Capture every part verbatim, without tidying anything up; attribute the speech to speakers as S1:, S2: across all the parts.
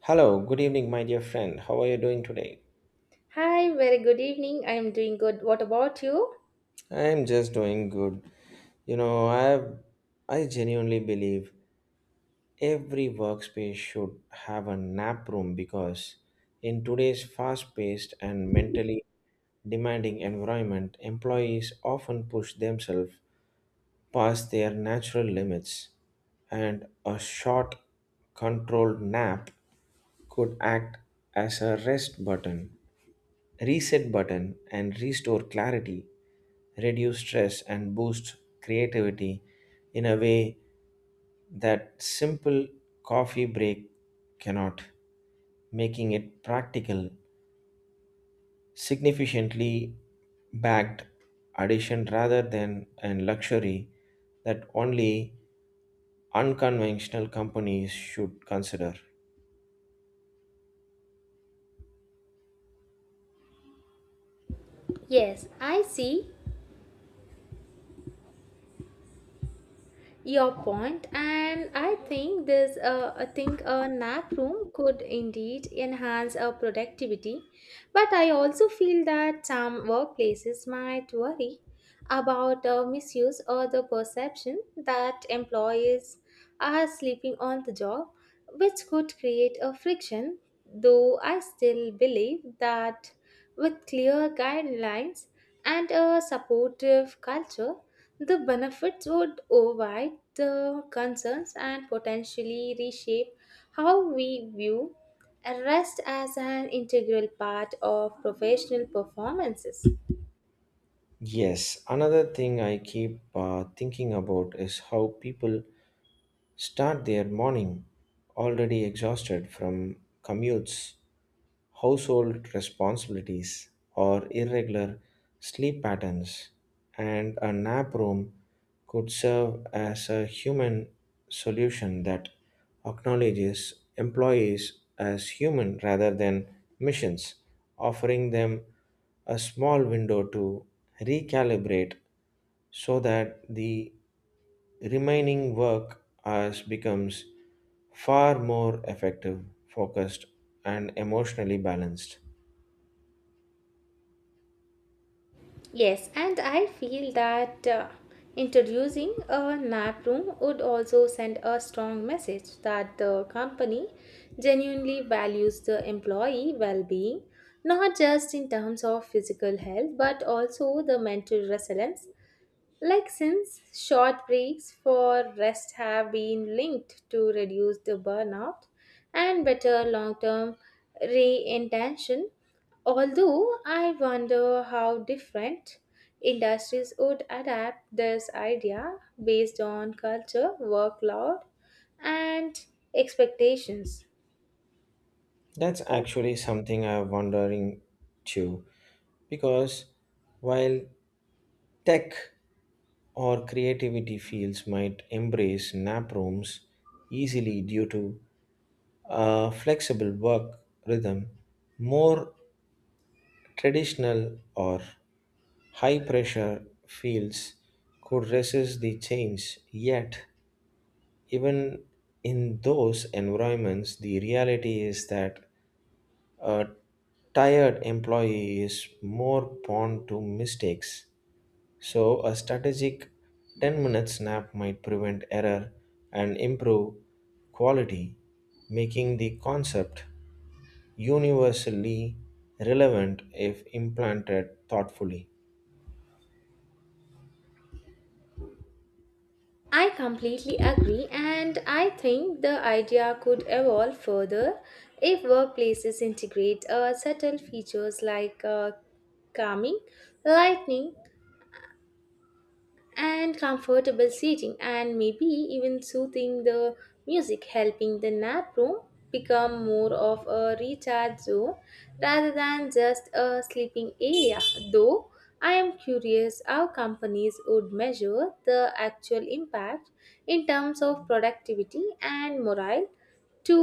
S1: Hello, good evening, my dear friend. How are you doing today?
S2: Hi, very good evening. I am doing good. What about you?
S1: I'm just doing good. You know, I've I genuinely believe every workspace should have a nap room because in today's fast-paced and mentally demanding environment, employees often push themselves past their natural limits, and a short, controlled nap could act as a rest button reset button and restore clarity, reduce stress, and boost creativity in a way that simple coffee break cannot, making it practical, significantly backed addition rather than a luxury that only unconventional companies should consider.
S2: Yes, I see your point, and I think this uh, I think a nap room could indeed enhance our productivity, but I also feel that some workplaces might worry about uh, misuse or the perception that employees are sleeping on the job, which could create a friction. Though I still believe that with clear guidelines and a supportive culture, the benefits would override the concerns and potentially reshape how we view rest as an integral part of professional performances.
S1: Yes, another thing I keep uh, thinking about is how people start their morning already exhausted from commutes, household responsibilities, or irregular sleep patterns, and a nap room could serve as a human solution that acknowledges employees as human rather than missions, offering them a small window to recalibrate so that the remaining work as becomes far more effective, focused, and emotionally balanced.
S2: Yes, and I feel that uh, introducing a nap room would also send a strong message that the company genuinely values the employee well being, not just in terms of physical health, but also the mental resilience like since short breaks for rest have been linked to reduce the burnout and better long-term reintention, although I wonder how different industries would adapt this idea based on culture, workload, and expectations.
S1: That's actually something I'm wondering too, because while tech or creativity fields might embrace nap rooms easily due to a flexible work rhythm, more traditional or high pressure fields could resist the change yet even in those environments, the reality is that a tired employee is more prone to mistakes. So, a strategic ten minute nap might prevent error and improve quality, making the concept universally relevant if implanted thoughtfully.
S2: I completely agree, and I think the idea could evolve further if workplaces integrate uh, subtle features like uh, calming, lightning, and comfortable seating and maybe even soothing the music helping the nap room become more of a recharge zone rather than just a sleeping area though I am curious how companies would measure the actual impact in terms of productivity and morale to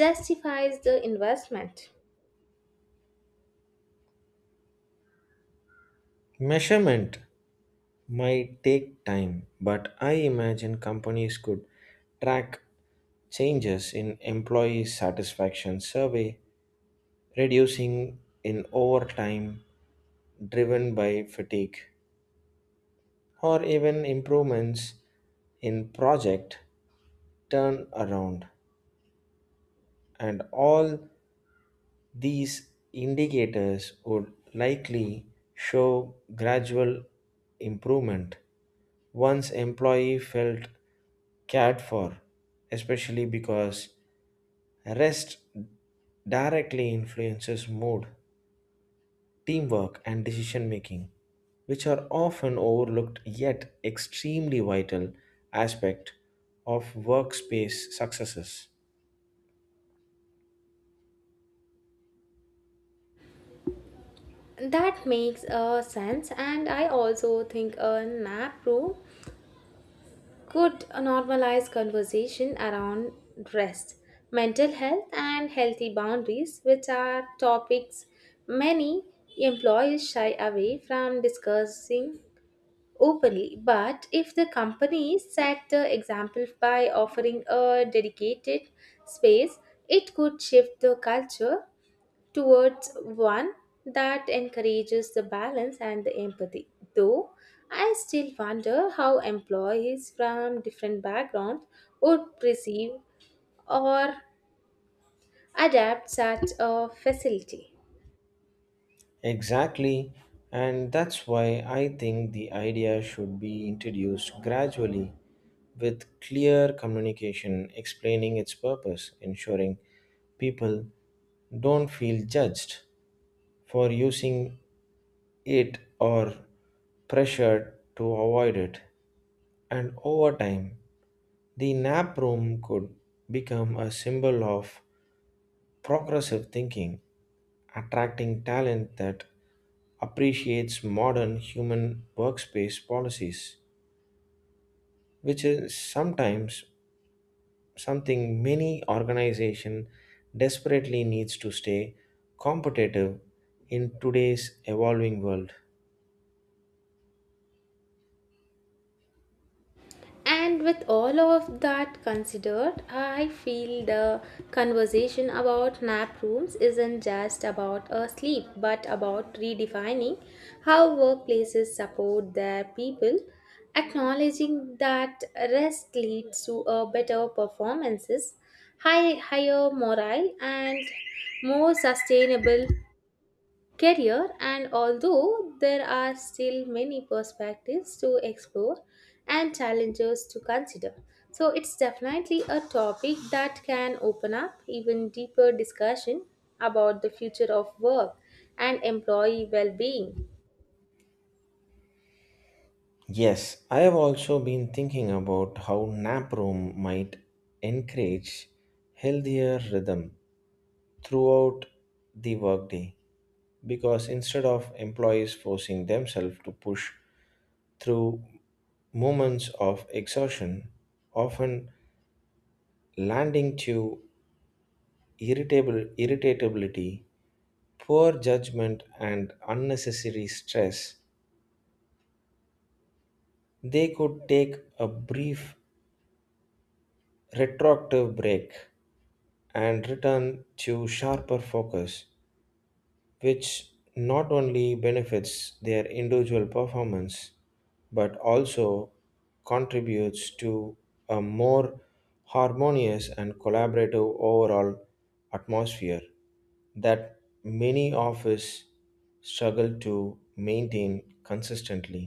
S2: justify the investment.
S1: Measurement might take time, but I imagine companies could track changes in employee satisfaction survey reducing in overtime driven by fatigue or even improvements in project turnaround and all these indicators would likely show gradual improvement once employee felt cared for especially because rest directly influences mood teamwork, and decision making, which are often overlooked yet extremely vital aspect of workspace successes.
S2: That makes uh, sense, and I also think a nap room could normalize conversation around rest, mental health, and healthy boundaries, which are topics many employees shy away from discussing openly. But if the company set the example by offering a dedicated space, it could shift the culture towards one that encourages the balance and the empathy. Though I still wonder how employees from different backgrounds would perceive or adapt such a facility.
S1: Exactly, and that's why I think the idea should be introduced gradually with clear communication explaining its purpose, ensuring people don't feel judged for using it or pressured to avoid it. And over time, the nap room could become a symbol of progressive thinking, attracting talent that appreciates modern human workspace policies, which is sometimes something many organization desperately needs to stay competitive in today's evolving world.
S2: And with all of that considered, I feel the conversation about nap rooms isn't just about a sleep, but about redefining how workplaces support their people, acknowledging that rest leads to a better performances, high, higher morale, and more sustainable career, and although there are still many perspectives to explore and challenges to consider, so it's definitely a topic that can open up even deeper discussion about the future of work and employee well-being.
S1: Yes, I have also been thinking about how nap room might encourage healthier rhythm throughout the workday because instead of employees forcing themselves to push through moments of exhaustion, often landing to irritable irritability, poor judgment and unnecessary stress, they could take a brief retroactive break and return to sharper focus which not only benefits their individual performance but also contributes to a more harmonious and collaborative overall atmosphere that many offices struggle to maintain consistently.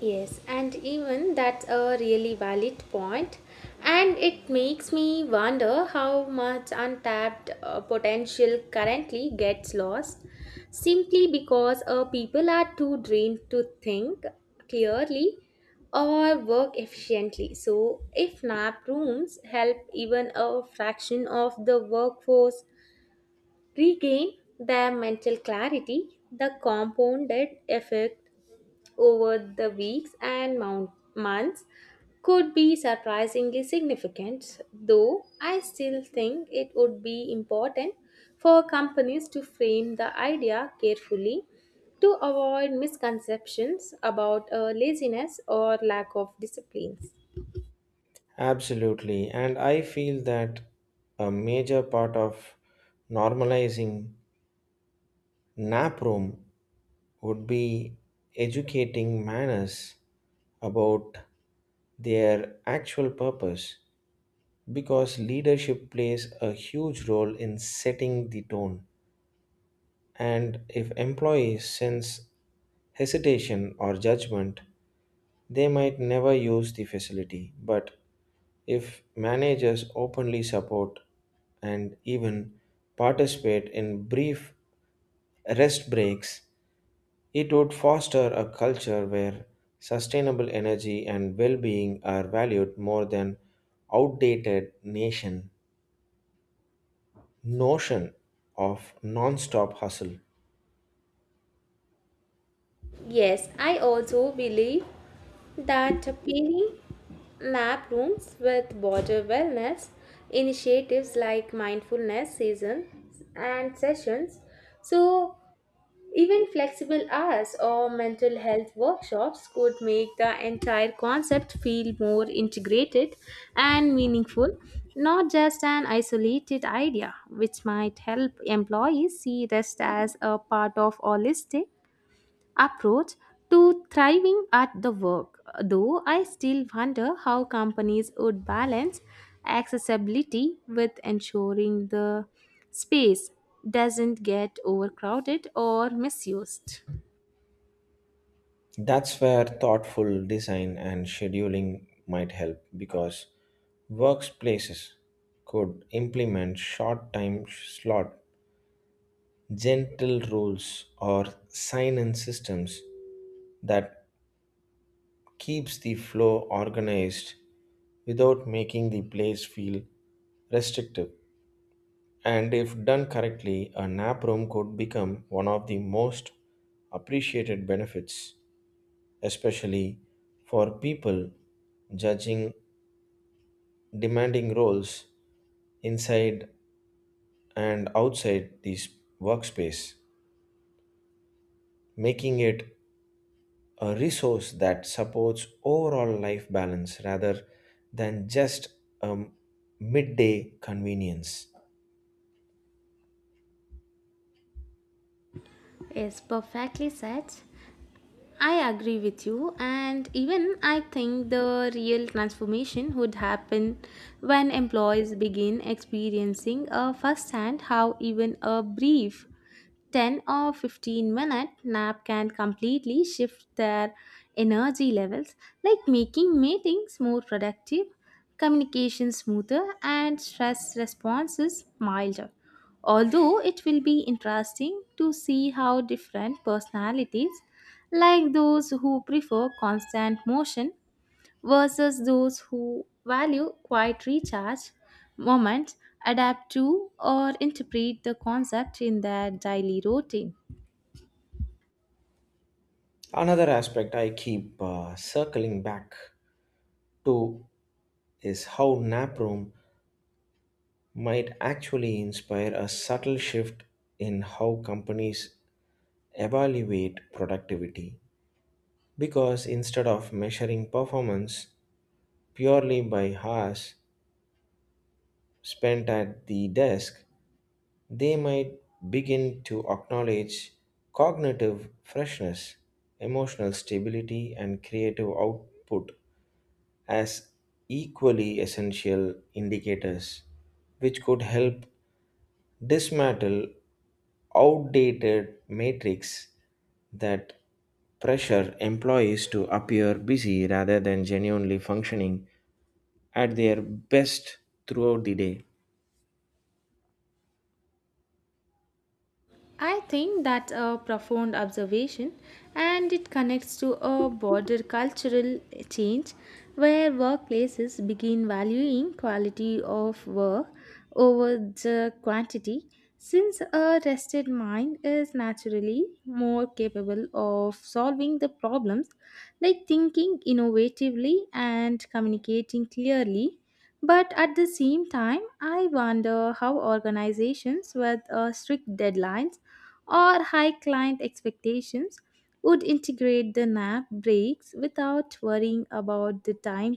S2: Yes, and even that's a really valid point. And it makes me wonder how much untapped uh, potential currently gets lost simply because uh, people are too drained to think clearly or work efficiently. So, if nap rooms help even a fraction of the workforce regain their mental clarity, the compounded effect over the weeks and mount- months could be surprisingly significant, though I still think it would be important for companies to frame the idea carefully to avoid misconceptions about uh, laziness or lack of disciplines.
S1: Absolutely, and I feel that a major part of normalizing nap room would be educating manners about their actual purpose because leadership plays a huge role in setting the tone. And if employees sense hesitation or judgment, they might never use the facility. But if managers openly support and even participate in brief rest breaks, it would foster a culture where sustainable energy and well being are valued more than outdated nation notion of non stop hustle.
S2: Yes, I also believe that pairing nap rooms with border wellness initiatives like mindfulness seasons and sessions, so even flexible hours or mental health workshops could make the entire concept feel more integrated and meaningful, not just an isolated idea, which might help employees see rest as a part of holistic approach to thriving at the work, though I still wonder how companies would balance accessibility with ensuring the space doesn't get overcrowded or misused.
S1: That's where thoughtful design and scheduling might help because workplaces could implement short time slot, gentle rules, or sign in systems that keeps the flow organized without making the place feel restrictive. And if done correctly, a nap room could become one of the most appreciated benefits, especially for people judging demanding roles inside and outside this workspace, making it a resource that supports overall life balance rather than just a midday convenience.
S2: Yes, perfectly said. I agree with you, and even I think the real transformation would happen when employees begin experiencing uh, firsthand how even a brief ten or fifteen minute nap can completely shift their energy levels, like making meetings more productive, communication smoother, and stress responses milder, although it will be interesting to see how different personalities, like those who prefer constant motion versus those who value quiet recharge moments, adapt to or interpret the concept in their daily routine.
S1: Another aspect I keep uh, circling back to is how nap room might actually inspire a subtle shift in how companies evaluate productivity because instead of measuring performance purely by hours spent at the desk they might begin to acknowledge cognitive freshness, emotional stability, and creative output as equally essential indicators, which could help dismantle outdated matrix that pressure employees to appear busy rather than genuinely functioning at their best throughout the day.
S2: I think that's a profound observation, and it connects to a broader cultural change where workplaces begin valuing quality of work over the quantity, since a rested mind is naturally more capable of solving the problems like thinking innovatively and communicating clearly, but at the same time, I wonder how organizations with uh, strict deadlines or high client expectations would integrate the nap breaks without worrying about the time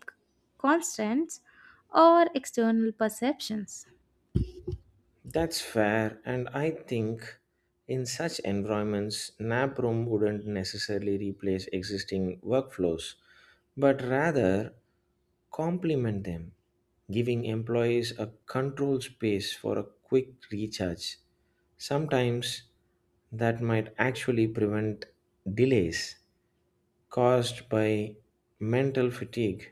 S2: constraints or external perceptions.
S1: That's fair, and I think in such environments, nap room wouldn't necessarily replace existing workflows, but rather complement them, giving employees a control space for a quick recharge. Sometimes that might actually prevent delays caused by mental fatigue,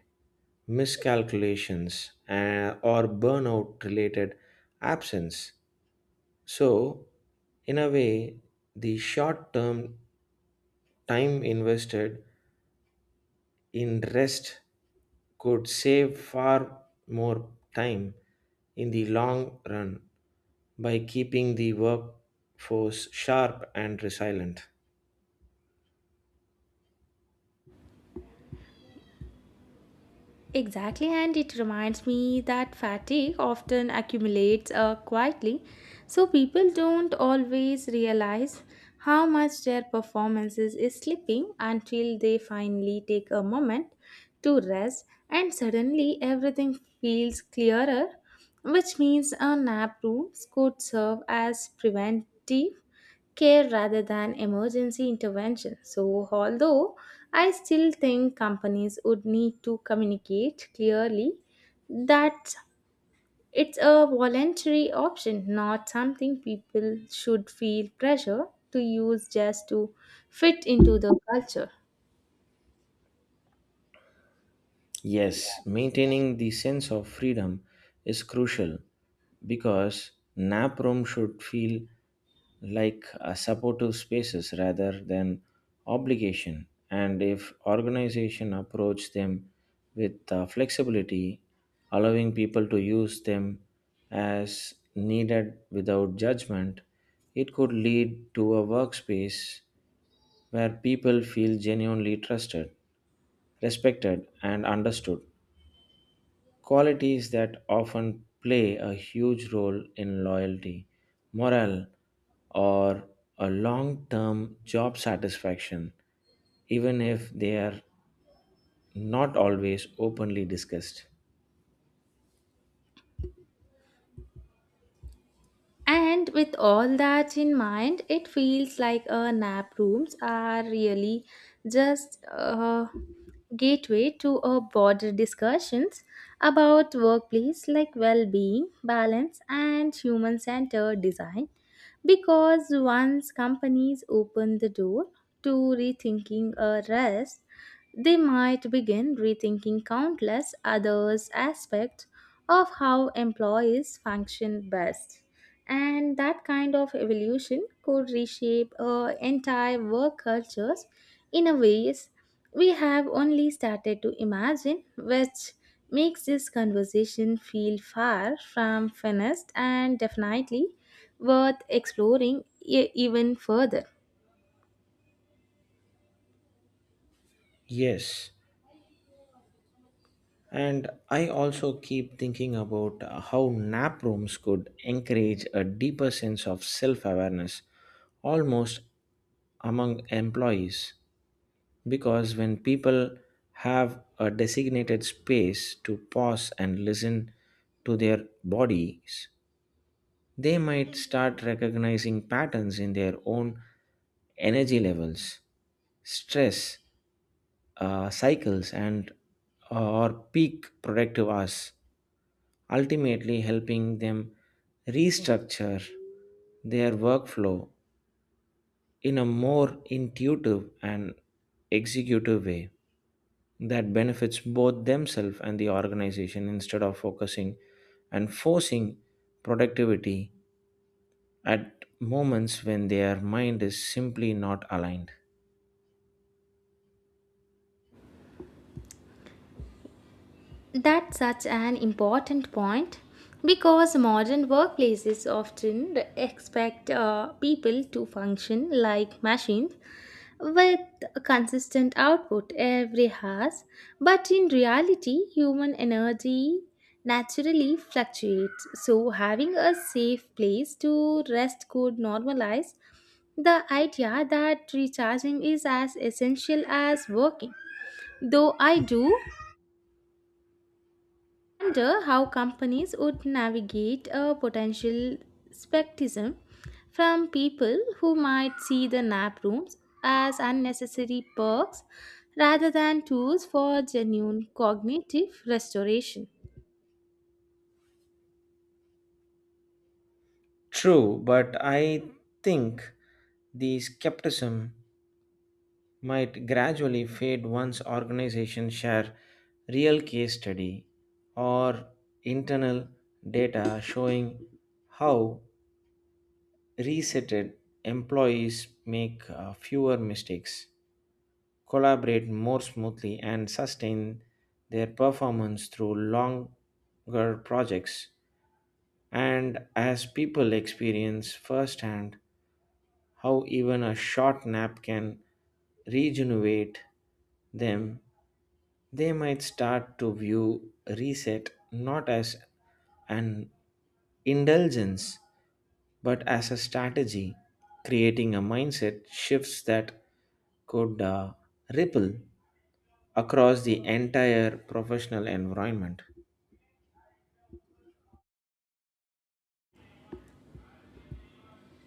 S1: miscalculations, uh, or burnout related absence so, in a way, the short term time invested in rest could save far more time in the long run by keeping the workforce sharp and resilient.
S2: Exactly, and it reminds me that fatigue often accumulates uh, quietly, so people don't always realize how much their performances is slipping until they finally take a moment to rest, and suddenly everything feels clearer, which means a nap room could serve as preventive care rather than emergency intervention. So, although I still think companies would need to communicate clearly that it's a voluntary option, not something people should feel pressure to use just to fit into the culture.
S1: Yes, maintaining the sense of freedom is crucial because nap room should feel like a supportive spaces rather than obligation and if organization approach them with uh, flexibility allowing people to use them as needed without judgment it could lead to a workspace where people feel genuinely trusted respected and understood qualities that often play a huge role in loyalty, morale, or a long term job satisfaction, even if they are not always openly discussed.
S2: And with all that in mind, it feels like uh, nap rooms are really just a gateway to a broader discussions about workplace like well-being, balance, and human-centered design. Because once companies open the door to rethinking a rest, they might begin rethinking countless others aspects of how employees function best, and that kind of evolution could reshape uh, entire work cultures in a ways we have only started to imagine, which makes this conversation feel far from finished and definitely worth exploring e- even further.
S1: Yes, and I also keep thinking about how nap rooms could encourage a deeper sense of self awareness almost among employees. Because when people have a designated space to pause and listen to their bodies, they might start recognizing patterns in their own energy levels, stress, uh, cycles, and or peak productive hours, ultimately helping them restructure their workflow in a more intuitive and executive way. That benefits both themselves and the organization instead of focusing and forcing productivity at moments when their mind is simply not aligned.
S2: That's such an important point because modern workplaces often expect uh, people to function like machines with a consistent output every hours, but in reality human energy naturally fluctuates, so having a safe place to rest could normalize the idea that recharging is as essential as working, though I do wonder how companies would navigate a potential skepticism from people who might see the nap rooms as unnecessary perks rather than tools for genuine cognitive restoration.
S1: True, but I think the skepticism might gradually fade once organizations share real case study or internal data showing how resetted employees make uh, fewer mistakes collaborate more smoothly and sustain their performance through longer projects. And as people experience firsthand how even a short nap can regenerate them, they might start to view reset not as an indulgence but as a strategy, creating a mindset shifts that could uh, ripple across the entire professional environment.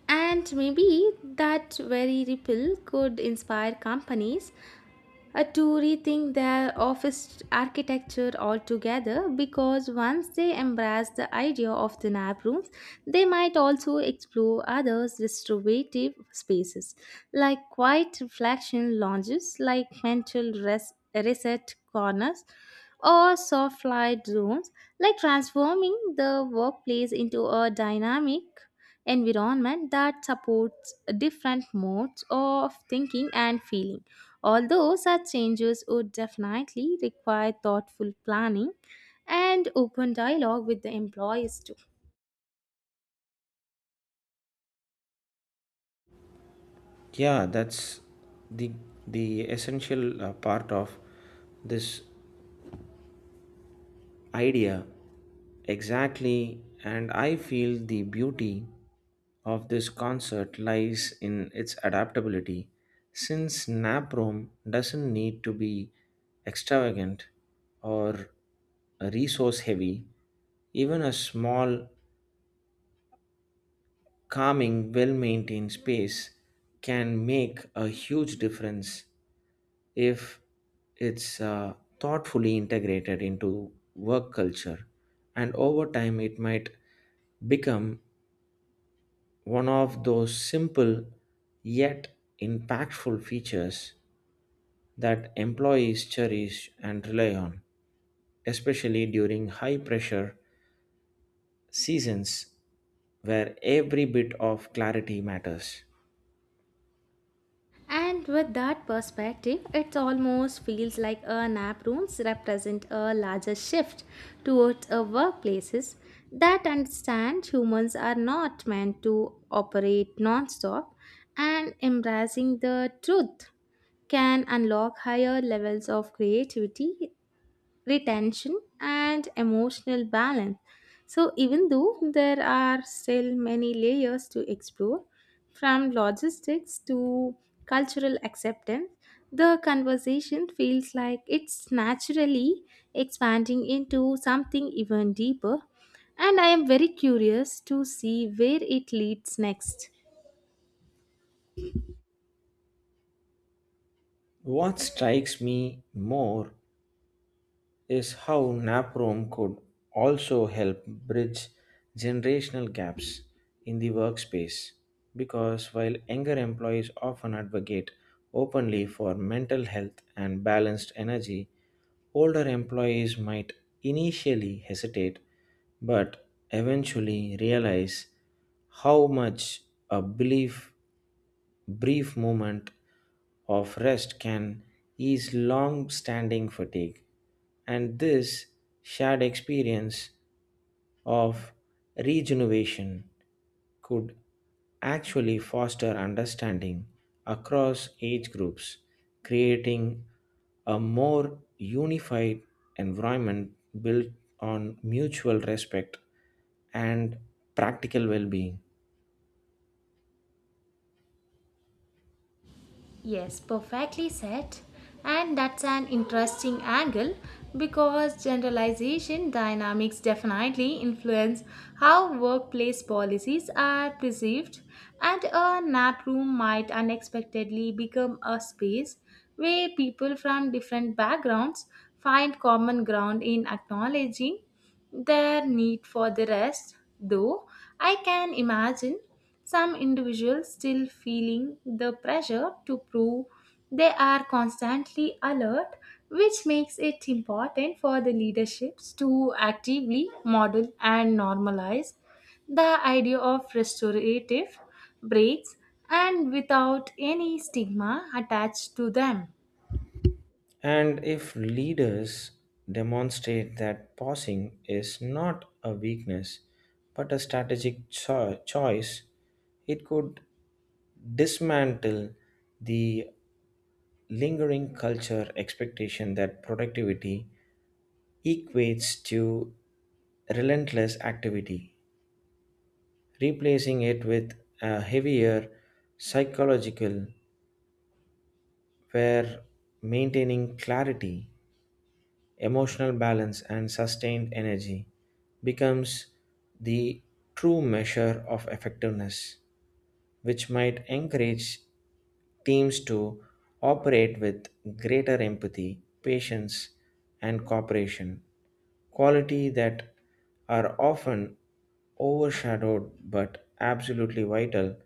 S2: And maybe that very ripple could inspire companies uh, to rethink their office architecture altogether, because once they embrace the idea of the nap rooms, they might also explore other restorative spaces like quiet reflection lounges, like mental res- reset corners, or soft light zones, like transforming the workplace into a dynamic environment that supports different modes of thinking and feeling. Although such changes would definitely require thoughtful planning and open dialogue with the employees too.
S1: Yeah, that's the the essential uh, part of this idea. Exactly, and I feel the beauty of this concert lies in its adaptability since naprom doesn't need to be extravagant or resource heavy even a small calming, well maintained space can make a huge difference if it's uh, thoughtfully integrated into work culture. And over time, it might become one of those simple yet impactful features that employees cherish and rely on, especially during high pressure seasons where every bit of clarity matters.
S2: And with that perspective, it almost feels like a nap rooms represent a larger shift towards a workplaces that understand humans are not meant to operate non-stop, and embracing the truth can unlock higher levels of creativity, retention, and emotional balance. So, even though there are still many layers to explore, from logistics to cultural acceptance, the conversation feels like it's naturally expanding into something even deeper. And I am very curious to see where it leads next.
S1: What strikes me more is how NAPROM could also help bridge generational gaps in the workspace. Because while younger employees often advocate openly for mental health and balanced energy, older employees might initially hesitate but eventually realize how much a belief brief moment of rest can ease long standing fatigue, and this shared experience of regeneration could actually foster understanding across age groups, creating a more unified environment built on mutual respect and practical well being.
S2: Yes, perfectly said. And that's an interesting angle because generalization dynamics definitely influence how workplace policies are perceived, and a nap room might unexpectedly become a space where people from different backgrounds find common ground in acknowledging their need for the rest. Though I can imagine some individuals still feeling the pressure to prove they are constantly alert, which makes it important for the leaderships to actively model and normalize the idea of restorative breaks and without any stigma attached to them.
S1: And if leaders demonstrate that pausing is not a weakness but a strategic cho- choice, it could dismantle the lingering culture expectation that productivity equates to relentless activity, replacing it with a heavier psychological where maintaining clarity emotional balance, and sustained energy becomes the true measure of effectiveness, which might encourage teams to operate with greater empathy, patience, and cooperation, quality that are often overshadowed but absolutely vital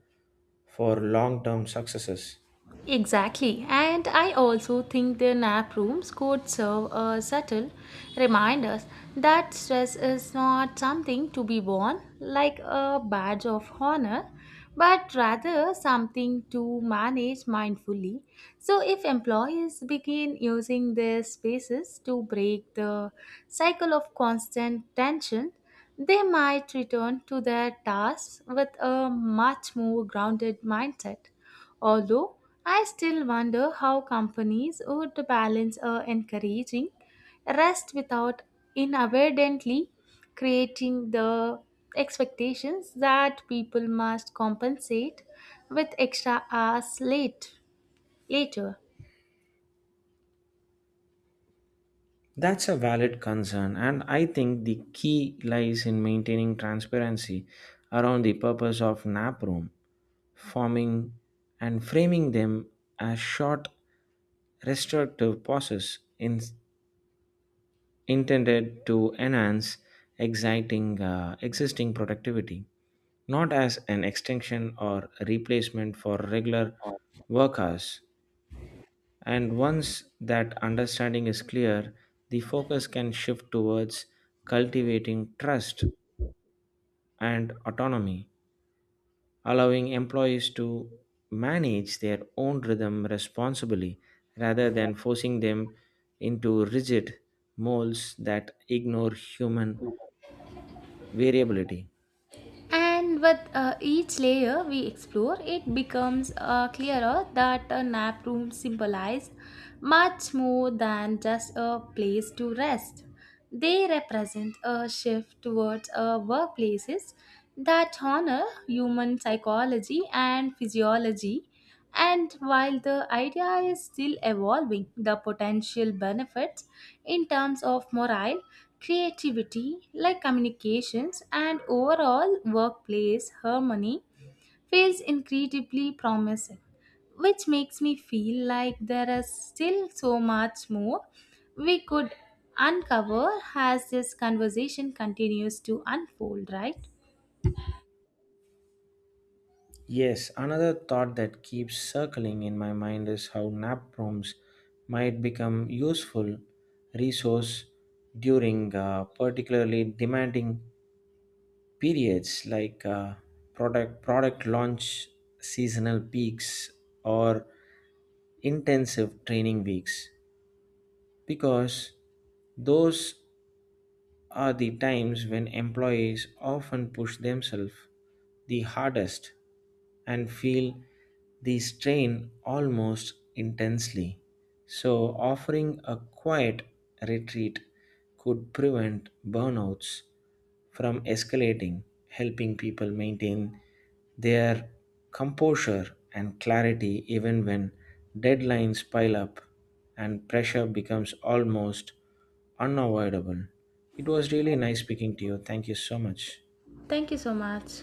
S1: for long term successes.
S2: Exactly, and I also think the nap rooms could serve a subtle reminder that stress is not something to be worn like a badge of honor, but rather something to manage mindfully. So, if employees begin using their spaces to break the cycle of constant tension, they might return to their tasks with a much more grounded mindset. Although I still wonder how companies would balance uh, encouraging rest without inadvertently creating the expectations that people must compensate with extra hours late later.
S1: That's a valid concern, and I think the key lies in maintaining transparency around the purpose of nap room, forming and framing them as short, restorative pauses in, intended to enhance exciting, uh, existing productivity, not as an extension or replacement for regular work hours. And once that understanding is clear, the focus can shift towards cultivating trust and autonomy, allowing employees to manage their own rhythm responsibly rather than forcing them into rigid molds that ignore human variability.
S2: And with uh, each layer we explore, it becomes uh, clearer that a nap room symbolizes much more than just a place to rest. They represent a shift towards uh, workplaces that honor human psychology and physiology, and while the idea is still evolving, the potential benefits in terms of morale, creativity, like communications, and overall workplace harmony feels incredibly promising, which makes me feel like there is still so much more we could uncover as this conversation continues to unfold, right?
S1: Yes, another thought that keeps circling in my mind is how nap rooms might become useful resource during uh, particularly demanding periods like uh, product product launch seasonal peaks or intensive training weeks because those are the times when employees often push themselves the hardest and feel the strain almost intensely. So, offering a quiet retreat could prevent burnouts from escalating, helping people maintain their composure and clarity even when deadlines pile up and pressure becomes almost unavoidable. It was really nice speaking to you. Thank you so much.
S2: Thank you so much.